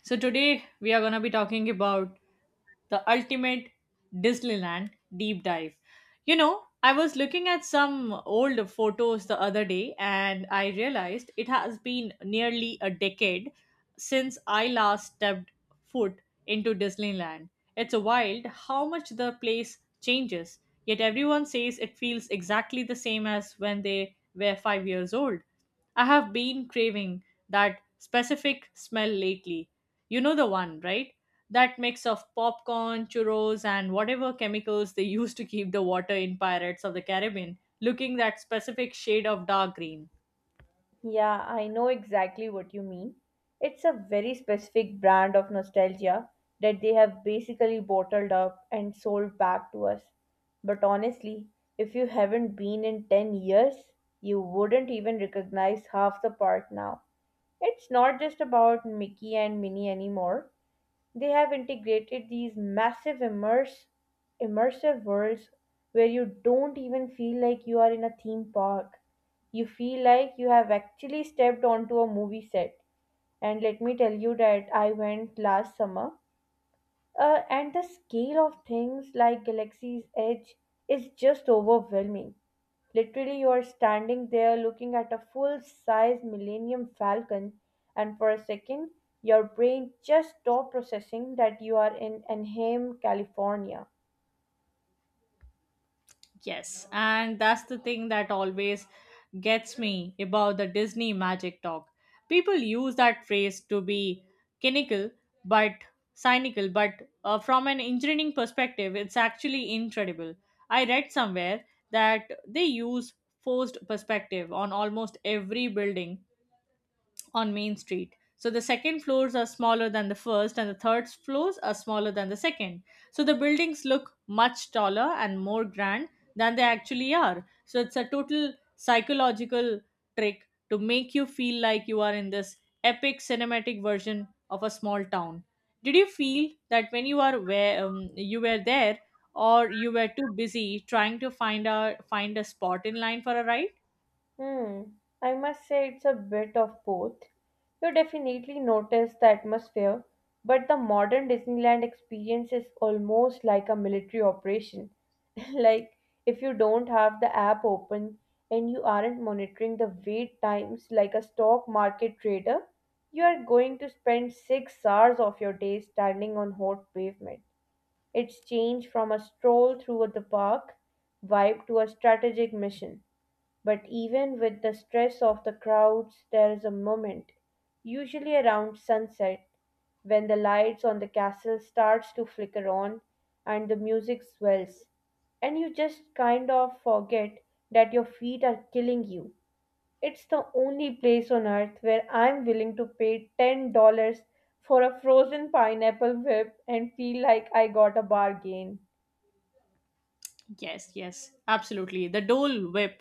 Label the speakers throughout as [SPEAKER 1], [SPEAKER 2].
[SPEAKER 1] So today we are gonna be talking about the ultimate Disneyland deep dive. You know, I was looking at some old photos the other day and I realized it has been nearly a decade since I last stepped foot into Disneyland. It's wild how much the place changes, yet everyone says it feels exactly the same as when they were 5 years old. I have been craving that specific smell lately. You know the one, right? That mix of popcorn, churros, and whatever chemicals they use to keep the water in Pirates of the Caribbean looking that specific shade of dark green.
[SPEAKER 2] Yeah, I know exactly what you mean. It's a very specific brand of nostalgia that they have basically bottled up and sold back to us. But honestly, if you haven't been in 10 years, you wouldn't even recognize half the part now. It's not just about Mickey and Minnie anymore. They have integrated these massive immersive worlds where you don't even feel like you are in a theme park. You feel like you have actually stepped onto a movie set. And let me tell you that I went last summer and the scale of things like Galaxy's Edge is just overwhelming. Literally, you are standing there looking at a full size Millennium Falcon, and for a second, your brain just stops processing that you are in Anaheim, California.
[SPEAKER 1] Yes, and that's the thing that always gets me about the Disney magic talk. People use that phrase to be cynical, but cynical, but from an engineering perspective, it's actually incredible. I read somewhere that they use forced perspective on almost every building on Main Street. So the second floors are smaller than the first, and the third floors are smaller than the second. So the buildings look much taller and more grand than they actually are. So it's a total psychological trick to make you feel like you are in this epic cinematic version of a small town. Did you feel that when you are where you were there, or you were too busy trying to find a spot in line for a ride?
[SPEAKER 2] Hmm, I must say it's a bit of both. You definitely notice the atmosphere, but the modern Disneyland experience is almost like a military operation. Like, if you don't have the app open and you aren't monitoring the wait times like a stock market trader, you are going to spend 6 hours of your day standing on hot pavement. It's changed from a stroll through the park vibe to a strategic mission, but even with the stress of the crowds, there is a moment, usually around sunset, when the lights on the castle starts to flicker on and the music swells and you just kind of forget that your feet are killing you. It's the only place on earth where I'm willing to pay $10 for a frozen pineapple whip and feel like I got a bargain.
[SPEAKER 1] Yes, yes, absolutely. The Dole Whip,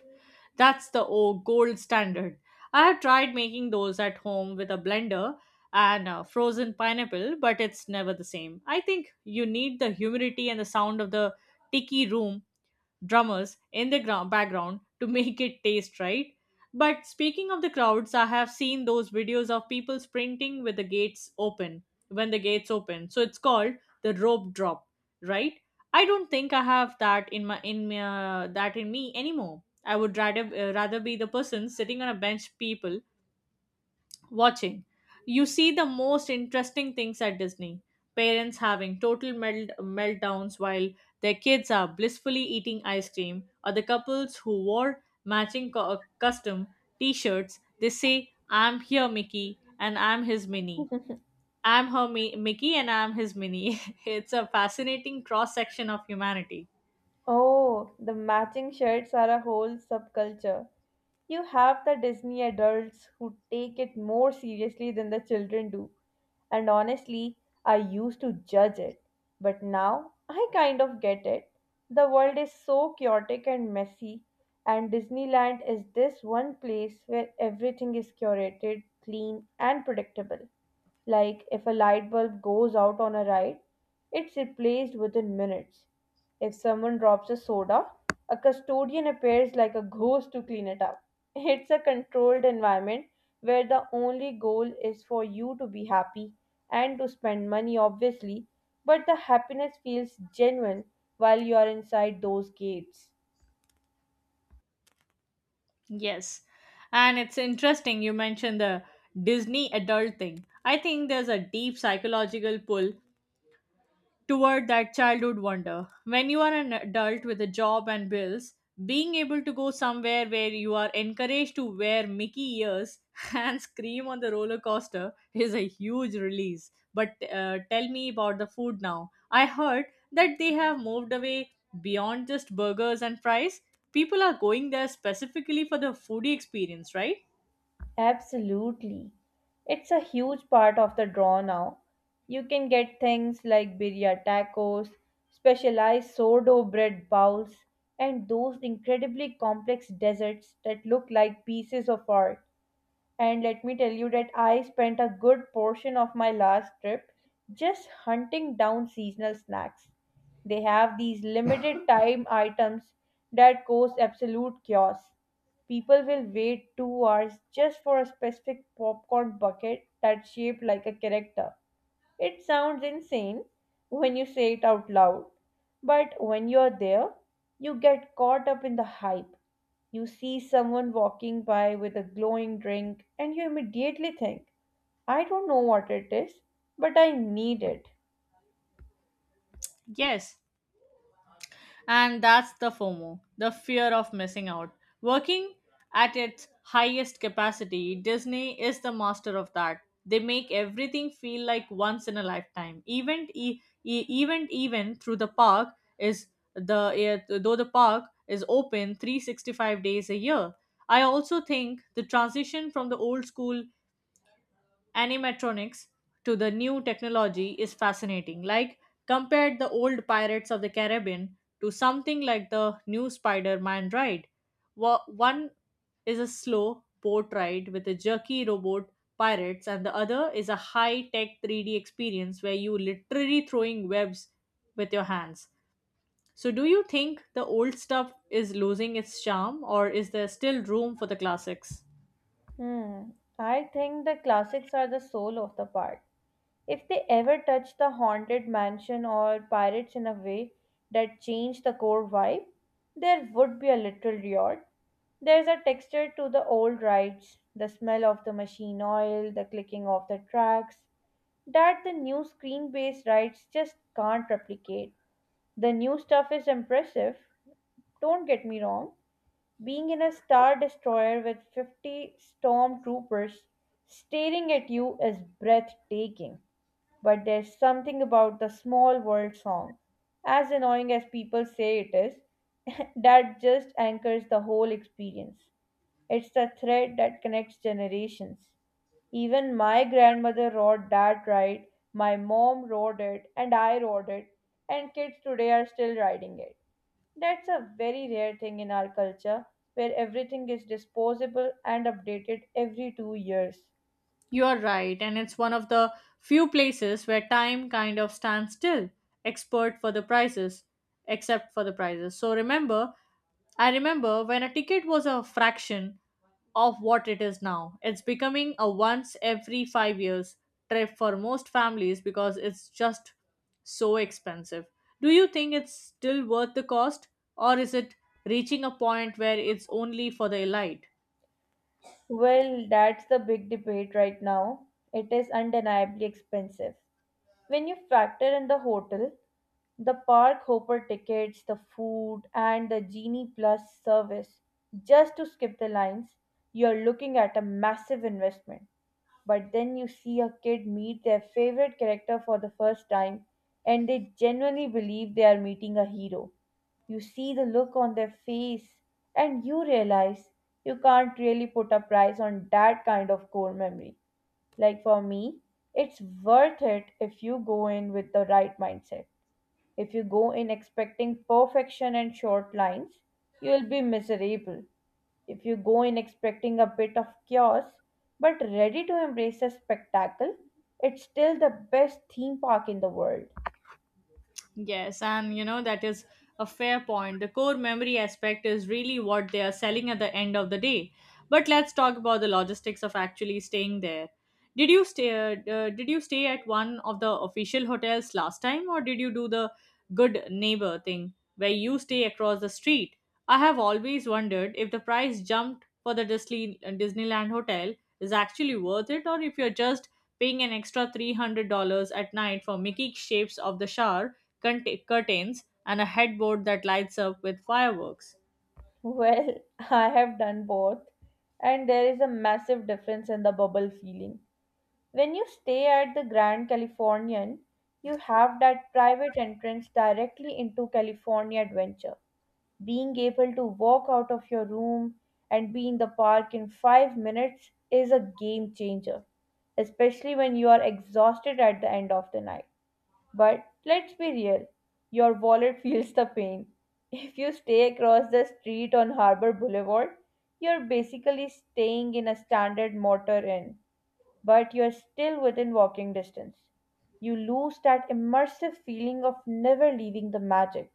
[SPEAKER 1] that's the gold standard. I have tried making those at home with a blender and frozen pineapple, but it's never the same. I think you need the humidity and the sound of the tiki room drummers in the ground background to make it taste right. But speaking of the crowds, I have seen those videos of people sprinting with the gates open when the gates open. So it's called the rope drop, right? I don't think I have that in my, that in me anymore. I would rather rather be the person sitting on a bench people watching. You see the most interesting things at Disney. Parents having total meltdowns while their kids are blissfully eating ice cream, or the couples who wore matching custom t shirts. They say, I'm here, Mickey, and I'm his Minnie. I'm her Mickey, and I'm his Minnie. It's a fascinating cross section of humanity.
[SPEAKER 2] Oh, the matching shirts are a whole subculture. You have the Disney adults who take it more seriously than the children do, and honestly, I used to judge it. But now I kind of get it. The world is so chaotic and messy, and Disneyland is this one place where everything is curated, clean, and predictable. Like, if a light bulb goes out on a ride, it's replaced within minutes. If someone drops a soda, a custodian appears like a ghost to clean it up. It's a controlled environment where the only goal is for you to be happy and to spend money, obviously, but the happiness feels genuine while you are inside those gates.
[SPEAKER 1] Yes. And it's interesting you mentioned the Disney adult thing. I think there's a deep psychological pull toward that childhood wonder. When you are an adult with a job and bills, being able to go somewhere where you are encouraged to wear Mickey ears and scream on the roller coaster is a huge release. But tell me about the food now. I heard that they have moved away beyond just burgers and fries. People are going there specifically for the foodie experience, right?
[SPEAKER 2] Absolutely. It's a huge part of the draw now. You can get things like birria tacos, specialized sourdough bread bowls, and those incredibly complex desserts that look like pieces of art. And let me tell you that I spent a good portion of my last trip just hunting down seasonal snacks. They have these limited time items that cause absolute chaos. People will wait 2 hours just for a specific popcorn bucket that's shaped like a character. It sounds insane when you say it out loud, but when you're there, you get caught up in the hype. You see someone walking by with a glowing drink, and you immediately think, I don't know what it is, but I need it.
[SPEAKER 1] Yes, and that's the FOMO, the fear of missing out. Working at its highest capacity, Disney is the master of that. They make everything feel like once in a lifetime. Event, even through the park is though the park is open 365 days a year. I also think the transition from the old school animatronics to the new technology is fascinating. Like, compared the old Pirates of the Caribbean to something like the new Spider Man ride. One is a slow boat ride with a jerky robot pirates, and the other is a high tech 3D experience where you literally throwing webs with your hands. So, do you think the old stuff is losing its charm, or is there still room for the classics?
[SPEAKER 2] Hmm, I think the classics are the soul of the party. If they ever touch the Haunted Mansion or Pirates in a way that changed the core vibe, there would be a literal riot. There's a texture to the old rides, the smell of the machine oil, the clicking of the tracks, that the new screen based rides just can't replicate. The new stuff is impressive, don't get me wrong. Being in a Star Destroyer with 50 stormtroopers staring at you is breathtaking, but there's something about the small world song, as annoying as people say it is, that just anchors the whole experience. It's the thread that connects generations. Even my grandmother wrote that right, my mom wrote it, and I wrote it, and kids today are still writing it. That's a very rare thing in our culture where everything is disposable and updated every 2 years.
[SPEAKER 1] You are right, and it's one of the few places where time kind of stands still, expert for the prices, except for the prices. I remember when a ticket was a fraction of what it is now. It's becoming a once every 5 years trip for most families because it's just so expensive. Do you think it's still worth the cost, or is it reaching a point where it's only for the elite?
[SPEAKER 2] Well, that's the big debate right now. It is undeniably expensive. When you factor in the hotel, the park hopper tickets, the food, and the Genie Plus service just to skip the lines, you're looking at a massive investment. But then you see a kid meet their favorite character for the first time, and they genuinely believe they are meeting a hero. You see the look on their face, and you realize you can't really put a price on that kind of core memory. Like, for me, it's worth it if you go in with the right mindset. If you go in expecting perfection and short lines, you will be miserable. If you go in expecting a bit of chaos but ready to embrace a spectacle, it's still the best theme park in the world.
[SPEAKER 1] Yes, and you know, that is a fair point. The core memory aspect is really what they are selling at the end of the day. But let's talk about the logistics of actually staying there. Did you stay at one of the official hotels last time or did you do the good neighbor thing where you stay across the street? I have always wondered if the price jumped for the Disneyland hotel is actually worth it or if you're just paying an extra $300 at night for Mickey shapes of the shower curtains, and a headboard that lights up with fireworks.
[SPEAKER 2] Well, I have done both, and there is a massive difference in the bubble feeling. When you stay at the Grand Californian, you have that private entrance directly into California Adventure. Being able to walk out of your room and be in the park in 5 minutes is a game changer, especially when you are exhausted at the end of the night. But let's be real, your wallet feels the pain. If you stay across the street on Harbor Boulevard, you're basically staying in a standard motor inn, but you're still within walking distance. You lose that immersive feeling of never leaving the magic,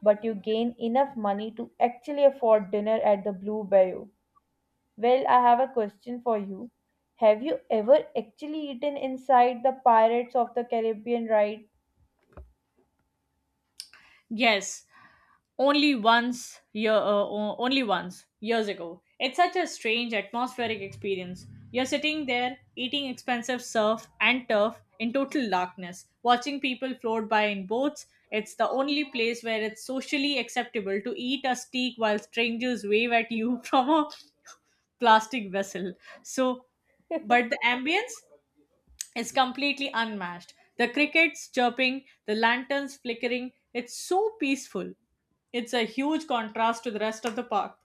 [SPEAKER 2] but you gain enough money to actually afford dinner at the Blue Bayou. Well, I have a question for you. Have you ever actually eaten inside the Pirates of the Caribbean ride?
[SPEAKER 1] Yes, o- only once years ago. It's such a strange atmospheric experience. You're sitting there eating expensive surf and turf in total darkness, watching people float by in boats. It's the only place where it's socially acceptable to eat a steak while strangers wave at you from a plastic vessel. So, but the ambience is completely unmatched. The crickets chirping, the lanterns flickering, it's so peaceful. It's a huge contrast to the rest of the park,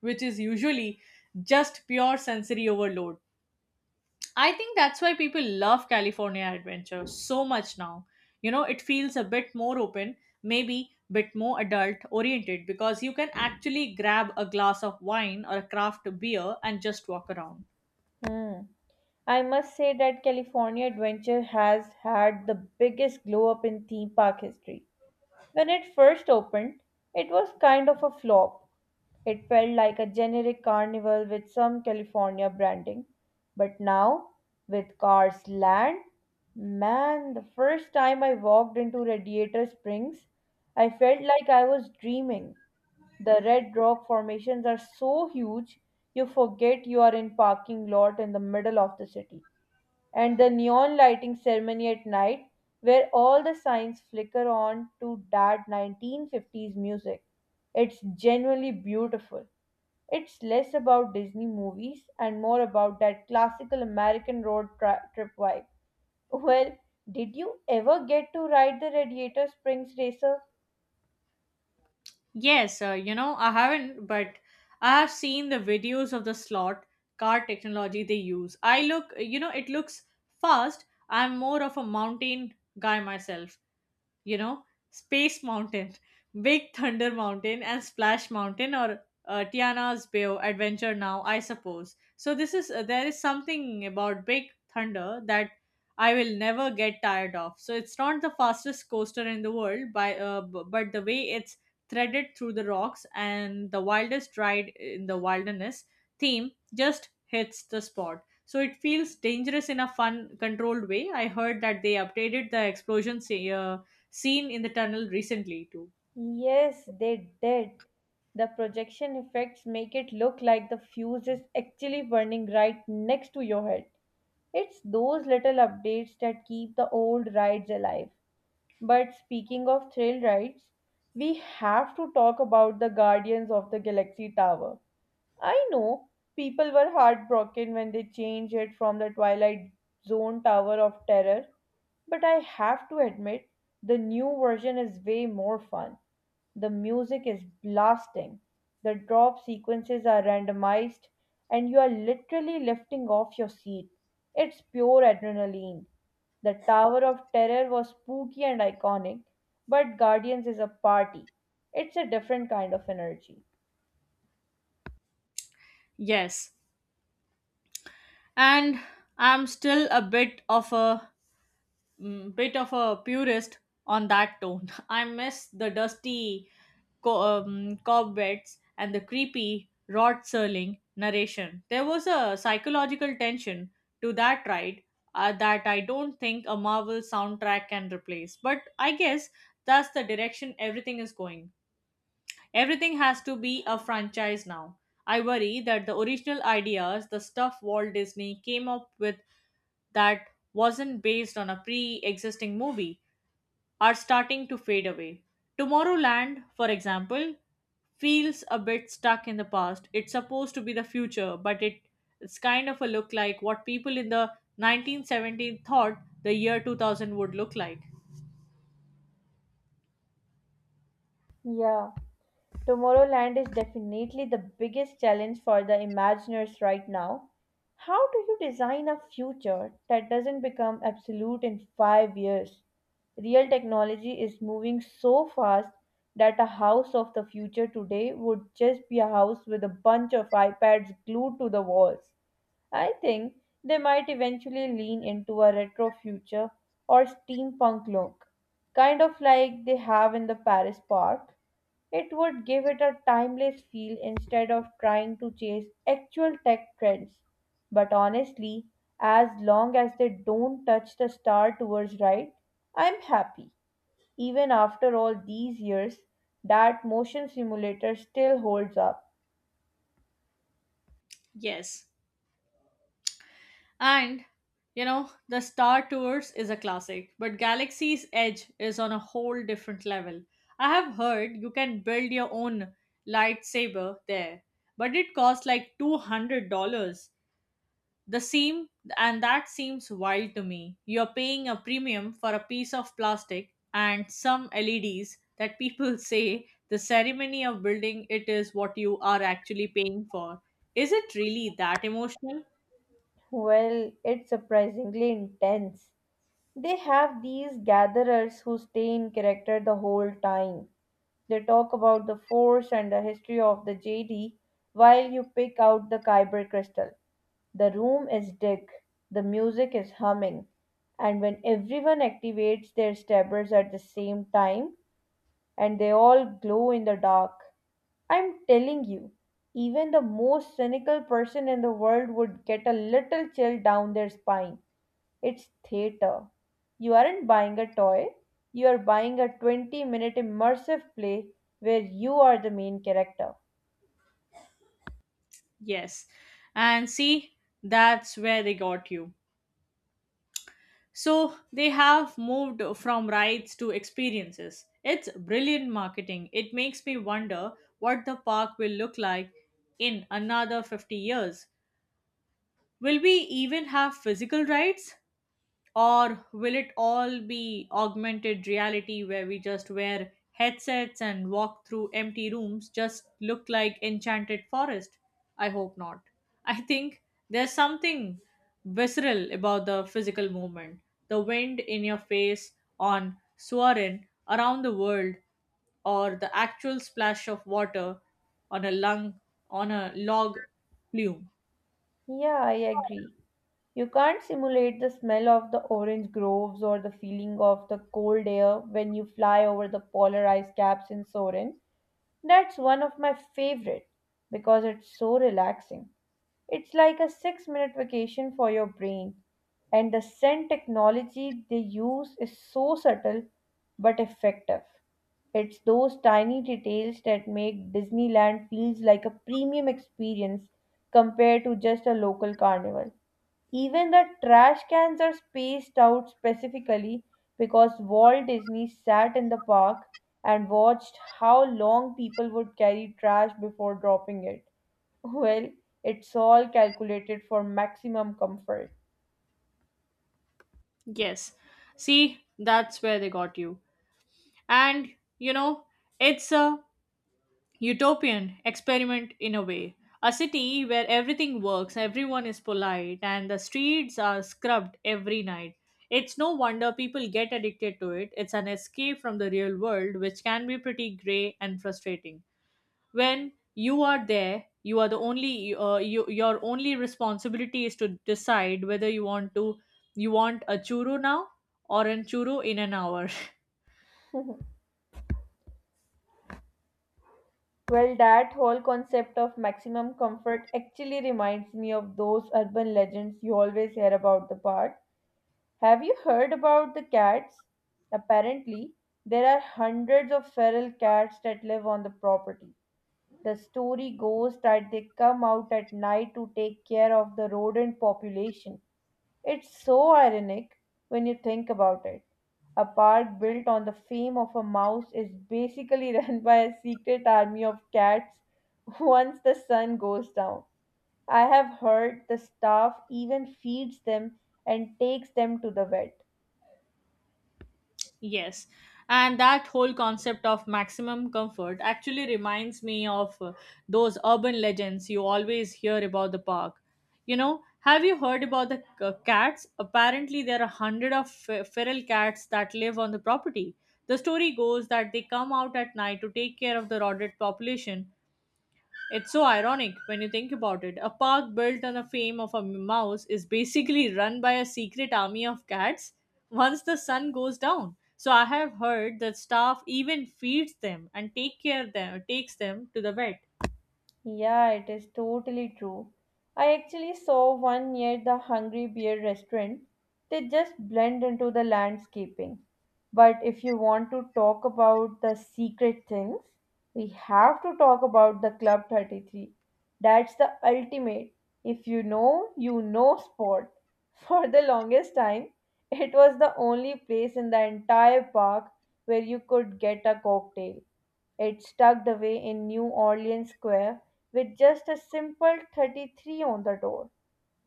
[SPEAKER 1] which is usually just pure sensory overload. I think that's why people love California Adventure so much now. You know, it feels a bit more open, maybe bit more adult oriented because you can actually grab a glass of wine or a craft beer and just walk around.
[SPEAKER 2] Hmm. I must say that California Adventure has had the biggest glow up in theme park history. When it first opened, it was kind of a flop. It felt like a generic carnival with some California branding. But now, with Cars Land, man, the first time I walked into Radiator Springs, I felt like I was dreaming. The red rock formations are so huge, you forget you are in parking lot in the middle of the city, and the neon lighting ceremony at night, where all the signs flicker on to that 1950s music. It's genuinely beautiful. It's less about Disney movies and more about that classical American road trip vibe. Well, did you ever get to ride the Radiator Springs Racer?
[SPEAKER 1] Yes, you know, I haven't, but I have seen the videos of the slot car technology they use. I look, you know, it looks fast. I'm more of a mountain guy myself, you know, Space Mountain, Big Thunder Mountain, and Splash Mountain, or Tiana's Bayou Adventure now, I suppose. So this is there is something about Big Thunder that I will never get tired of. So it's not the fastest coaster in the world, but the way it's threaded through the rocks and the wildest ride in the wilderness theme just hits the spot. So it feels dangerous in a fun, controlled way. I heard that they updated the explosion seen in the tunnel recently too.
[SPEAKER 2] Yes, they did. The projection effects make it look like the fuse is actually burning right next to your head. It's those little updates that keep the old rides alive. But speaking of thrill rides, we have to talk about the Guardians of the Galaxy Tower. I know people were heartbroken when they changed it from the Twilight Zone Tower of Terror, but I have to admit the new version is way more fun. The music is blasting, the drop sequences are randomized, and you are literally lifting off your seat. It's pure adrenaline. The Tower of Terror was spooky and iconic, but Guardians is a party. It's a different kind of energy.
[SPEAKER 1] Yes, and I'm still a bit of a purist on that tone. I miss the dusty cobwebs and the creepy Rod Serling narration. There was a psychological tension to that ride that I don't think a Marvel soundtrack can replace. But I guess that's the direction everything is going. Everything has to be a franchise now. I worry that the original ideas, the stuff Walt Disney came up with that wasn't based on a pre existing movie, are starting to fade away. Tomorrowland, for example, feels a bit stuck in the past. It's supposed to be the future, it's kind of a look like what people in the 1970s thought the year 2000 would look like.
[SPEAKER 2] Yeah, Tomorrowland is definitely the biggest challenge for the Imagineers right now. How do you design a future that doesn't become absolute in 5 years? Real technology is moving so fast that a house of the future today would just be a house with a bunch of iPads glued to the walls. I think they might eventually lean into a retro future or steampunk look, kind of like they have in the Paris park. It would give it a timeless feel instead of trying to chase actual tech trends. But honestly, as long as they don't touch the Star Tours right, I'm happy. Even after all these years, that motion simulator still holds up.
[SPEAKER 1] Yes, and you know, the Star Tours is a classic, but Galaxy's Edge is on a whole different level. I have heard you can build your own lightsaber there, but it costs like $200. The seam, and That seems wild to me. You're paying a premium for a piece of plastic and some LEDs that people say the ceremony of building it is what you are actually paying for. Is it really that emotional?
[SPEAKER 2] Well, it's surprisingly intense. They have these gatherers who stay in character the whole time. They talk about the force and the history of the JD while you pick out the Kyber crystal. The room is dark, the music is humming, and when everyone activates their stabbers at the same time and they all glow in the dark, I'm telling you, even the most cynical person in the world would get a little chill down their spine. It's theater. You aren't buying a toy, you are buying a 20-minute immersive play where you are the main character.
[SPEAKER 1] Yes. And see, that's where they got you. So they have moved from rides to experiences. It's brilliant marketing. It makes me wonder what the park will look like in another 50 years. Will we even have physical rides? Or will it all be augmented reality where we just wear headsets and walk through empty rooms just look like enchanted forest? I hope not. I think there's something visceral about the physical movement. The wind in your face on Suarin around the world or the actual splash of water on a lung on a log plume.
[SPEAKER 2] Yeah, I agree. You can't simulate the smell of the orange groves or the feeling of the cold air when you fly over the polar ice caps in Soren. That's one of my favorite because it's so relaxing. It's like a 6 minute vacation for your brain. And the scent technology they use is so subtle but effective. It's those tiny details that make Disneyland feels like a premium experience compared to just a local carnival. Even the trash cans are spaced out specifically because Walt Disney sat in the park and watched how long people would carry trash before dropping it. Well, it's all calculated for maximum comfort.
[SPEAKER 1] Yes. See, that's where they got you. And you know, it's a utopian experiment in a way. A city where everything works, everyone is polite, and the streets are scrubbed every night. It's no wonder people get addicted to it. It's an escape from the real world, which can be pretty grey and frustrating. When you are there, you, your only responsibility is to decide whether you want a churro now or an churro in an hour.
[SPEAKER 2] Well, that whole concept of maximum comfort actually reminds me of those urban legends you always hear about the park. Have you heard about the cats? Apparently, there are hundreds of feral cats that live on the property. The story goes that they come out at night to take care of the rodent population. It's so ironic when you think about it. A park built on the fame of a mouse is basically run by a secret army of cats once the sun goes down. I have heard the staff even feeds them and takes them to the vet.
[SPEAKER 1] Yes, and that whole concept of maximum comfort actually reminds me of those urban legends you always hear about the park. You know, have you heard about the cats? Apparently, there are 100 of feral cats that live on the property. The story goes that they come out at night to take care of the rodent population. It's so ironic when you think about it. A park built on the fame of a mouse is basically run by a secret army of cats once the sun goes down. So I have heard that staff even feeds them and take care them takes them to the vet.
[SPEAKER 2] Yeah, it is totally true. I actually saw one near the Hungry Bear restaurant. They just blend into the landscaping. But if you want to talk about the secret things, we have to talk about the Club 33. That's the ultimate. If you know, you know sport. For the longest time, it was the only place in the entire park where you could get a cocktail. It's tucked away in New Orleans Square with just a simple 33 on the door.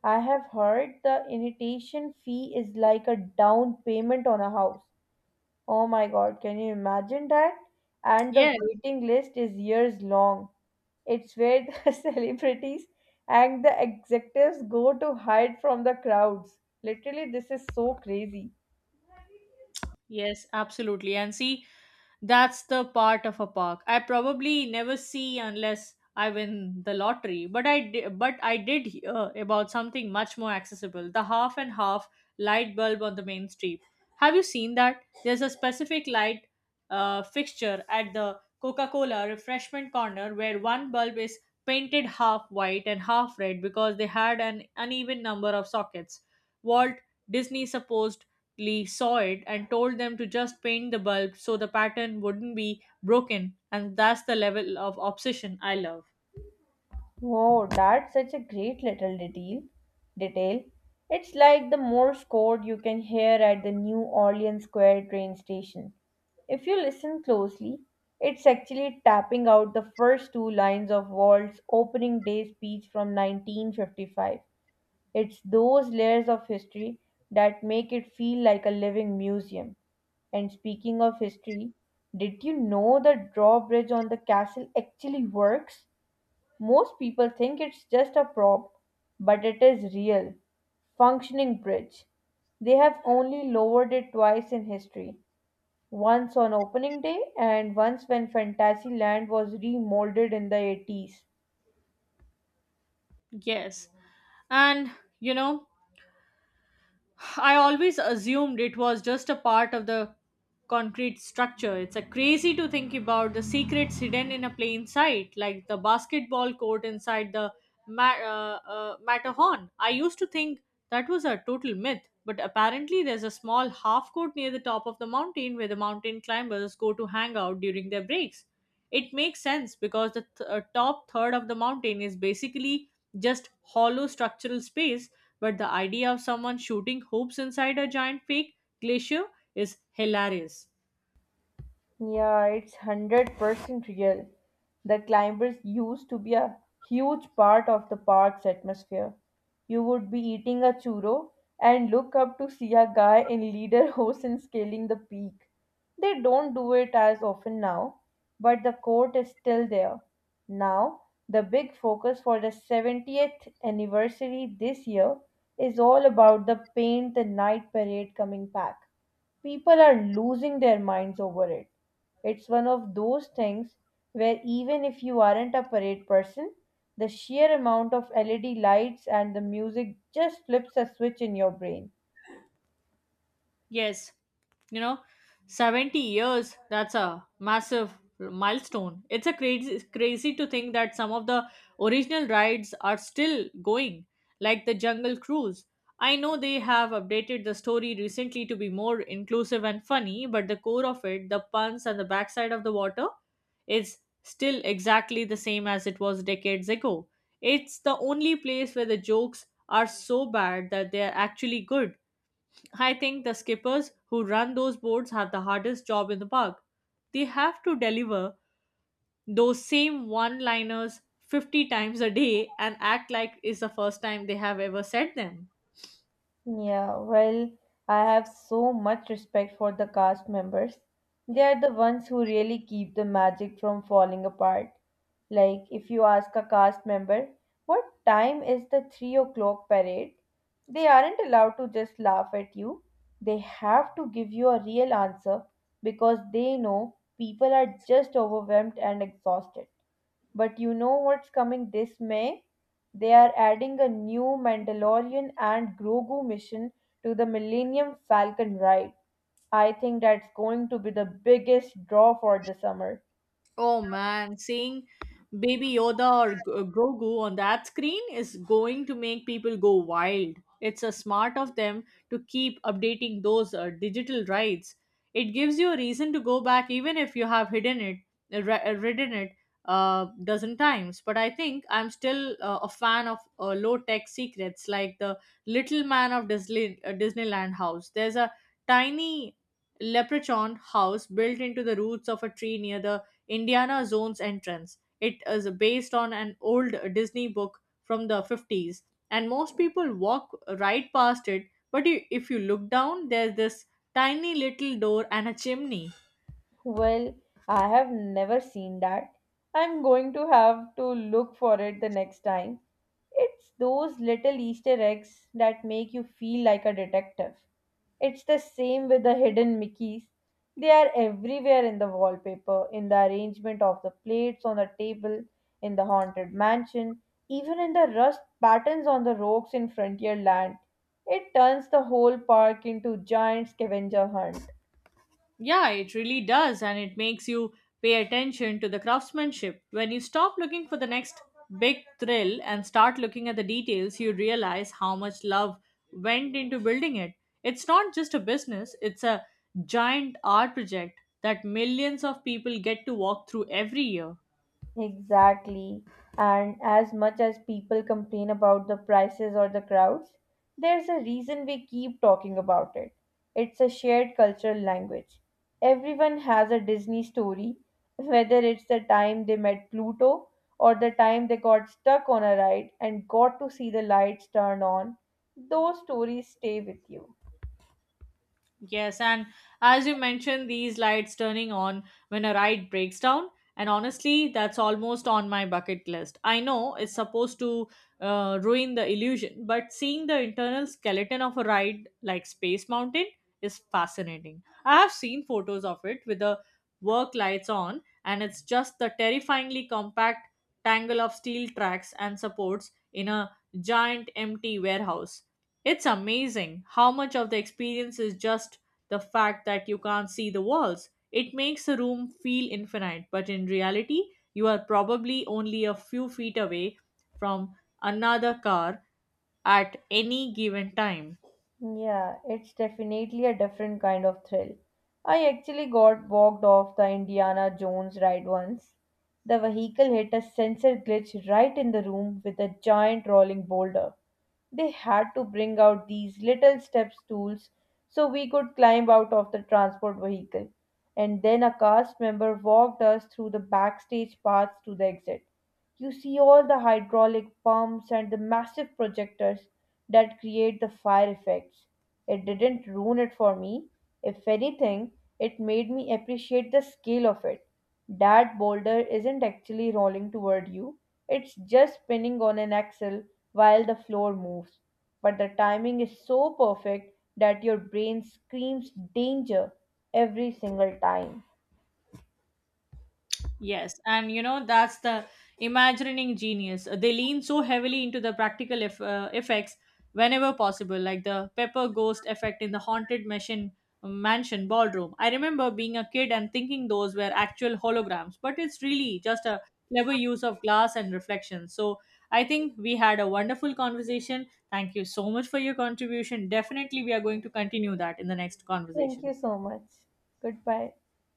[SPEAKER 2] I have heard the initiation fee is like a down payment on a house. Oh my god, can you imagine that? And the
[SPEAKER 1] Yes.
[SPEAKER 2] waiting list is years long. It's where the celebrities and the executives go to hide from the crowds. Literally, this is so crazy.
[SPEAKER 1] Yes, absolutely. And see, that's the part of a park I probably never see unless I win the lottery. But I did hear about something much more accessible, the half and half light bulb on the main street. Have you seen that? There's a specific light fixture at the Coca-Cola refreshment corner where one bulb is painted half white and half red because they had an uneven number of sockets. Walt Disney supposed Lee saw it and told them to just paint the bulb so the pattern wouldn't be broken, and that's the level of obsession I love.
[SPEAKER 2] Oh, that's such a great little detail. Detail. It's like the Morse code you can hear at the New Orleans Square train station. If you listen closely, it's actually tapping out the first two lines of Walt's opening day speech from 1955. It's those layers of history that make it feel like a living museum. And speaking of history, did you know the drawbridge on the castle actually works? Most people think it's just a prop, but it is real, functioning bridge. They have only lowered it twice in history, once on opening day and once when Fantasyland was remolded in the 80s.
[SPEAKER 1] Yes. And you know, I always assumed it was just a part of the concrete structure. It's a crazy to think about the secrets hidden in a plain sight, like the basketball court inside the Matterhorn. I used to think that was a total myth, but apparently there's a small half court near the top of the mountain where the mountain climbers go to hang out during their breaks. It makes sense because the top third of the mountain is basically just hollow structural space, but the idea of someone shooting hoops inside a giant fake glacier is hilarious.
[SPEAKER 2] Yeah, it's 100% real. The climbers used to be a huge part of the park's atmosphere. You would be eating a churro and look up to see a guy in leader and scaling the peak. They don't do it as often now, but the court is still there. Now, the big focus for the 70th anniversary this year is all about the Paint the Night parade coming back. People are losing their minds over it. It's one of those things where even if you aren't a parade person, the sheer amount of LED lights and the music just flips a switch in your brain.
[SPEAKER 1] Yes, you know, 70 years, that's a massive milestone. It's a crazy to think that some of the original rides are still going, like the Jungle Cruise. I know they have updated the story recently to be more inclusive and funny, but the core of it, the puns and the backside of the water, is still exactly the same as it was decades ago. It's the only place where the jokes are so bad that they are actually good. I think the skippers who run those boards have the hardest job in the park. They have to deliver those same one liners 50 times a day and act like it's the first time they have ever said them.
[SPEAKER 2] Yeah, well, I have so much respect for the cast members. They are the ones who really keep the magic from falling apart. Like, if you ask a cast member, what time is the 3 o'clock parade? They aren't allowed to just laugh at you. They have to give you a real answer because they know people are just overwhelmed and exhausted. But you know what's coming this May? They are adding a new Mandalorian and Grogu mission to the Millennium Falcon ride. I think that's going to be the biggest draw for the summer.
[SPEAKER 1] Oh man, seeing Baby Yoda or Grogu on that screen is going to make people go wild. It's a smart of them to keep updating those digital rights. It gives you a reason to go back even if you have hidden it, ridden it a dozen times. But I think I'm still a fan of low tech secrets like the Little Man of Disney, Disneyland House. There's a tiny leprechaun house built into the roots of a tree near the Indiana Jones entrance. It is based on an old Disney book from the 50s, and most people walk right past it. If you look down, there's this tiny little door and a chimney.
[SPEAKER 2] Well, I have never seen that. I'm going to have to look for it the next time. It's those little Easter eggs that make you feel like a detective. It's the same with the hidden Mickeys. They are everywhere in the wallpaper, in the arrangement of the plates on the table, in the haunted mansion, even in the rust patterns on the rocks in Frontierland. It turns the whole park into giant scavenger hunt.
[SPEAKER 1] Yeah, it really does, and it makes you pay attention to the craftsmanship. When you stop looking for the next big thrill and start looking at the details, you realize how much love went into building it. It's not just a business, it's a giant art project that millions of people get to walk through every year.
[SPEAKER 2] Exactly. And as much as people complain about the prices or the crowds, there's a reason we keep talking about it. It's a shared cultural language. Everyone has a Disney story, whether it's the time they met Pluto or the time they got stuck on a ride and got to see the lights turn on. Those stories stay with you.
[SPEAKER 1] Yes, and as you mentioned, these lights turning on when a ride breaks down, and honestly, that's almost on my bucket list. I know it's supposed to ruin the illusion, but seeing the internal skeleton of a ride like Space Mountain is fascinating. I have seen photos of it with the work lights on, and it's just the terrifyingly compact tangle of steel tracks and supports in a giant empty warehouse. It's amazing how much of the experience is just the fact that you can't see the walls. It makes a room feel infinite, but in reality, you are probably only a few feet away from another car at any given time.
[SPEAKER 2] Yeah, it's definitely a different kind of thrill. I actually got walked off the Indiana Jones ride once. The vehicle hit a sensor glitch right in the room with a giant rolling boulder. They had to bring out these little step stools so we could climb out of the transport vehicle. And then a cast member walked us through the backstage paths to the exit. You see all the hydraulic pumps and the massive projectors that create the fire effects. It didn't ruin it for me. If anything, it made me appreciate the scale of it. That boulder isn't actually rolling toward you, it's just spinning on an axle while the floor moves. But the timing is so perfect that your brain screams danger every single time.
[SPEAKER 1] Yes, and you know that's the imagining genius. They lean so heavily into the practical effects whenever possible, like the pepper ghost effect in the haunted mansion ballroom. I remember being a kid and thinking those were actual holograms, but it's really just a clever use of glass and reflection. So I think we had a wonderful conversation. Thank you so much for your contribution. Definitely, we are going to continue that in the next
[SPEAKER 2] Thank you
[SPEAKER 1] conversation.
[SPEAKER 2] so much. Goodbye.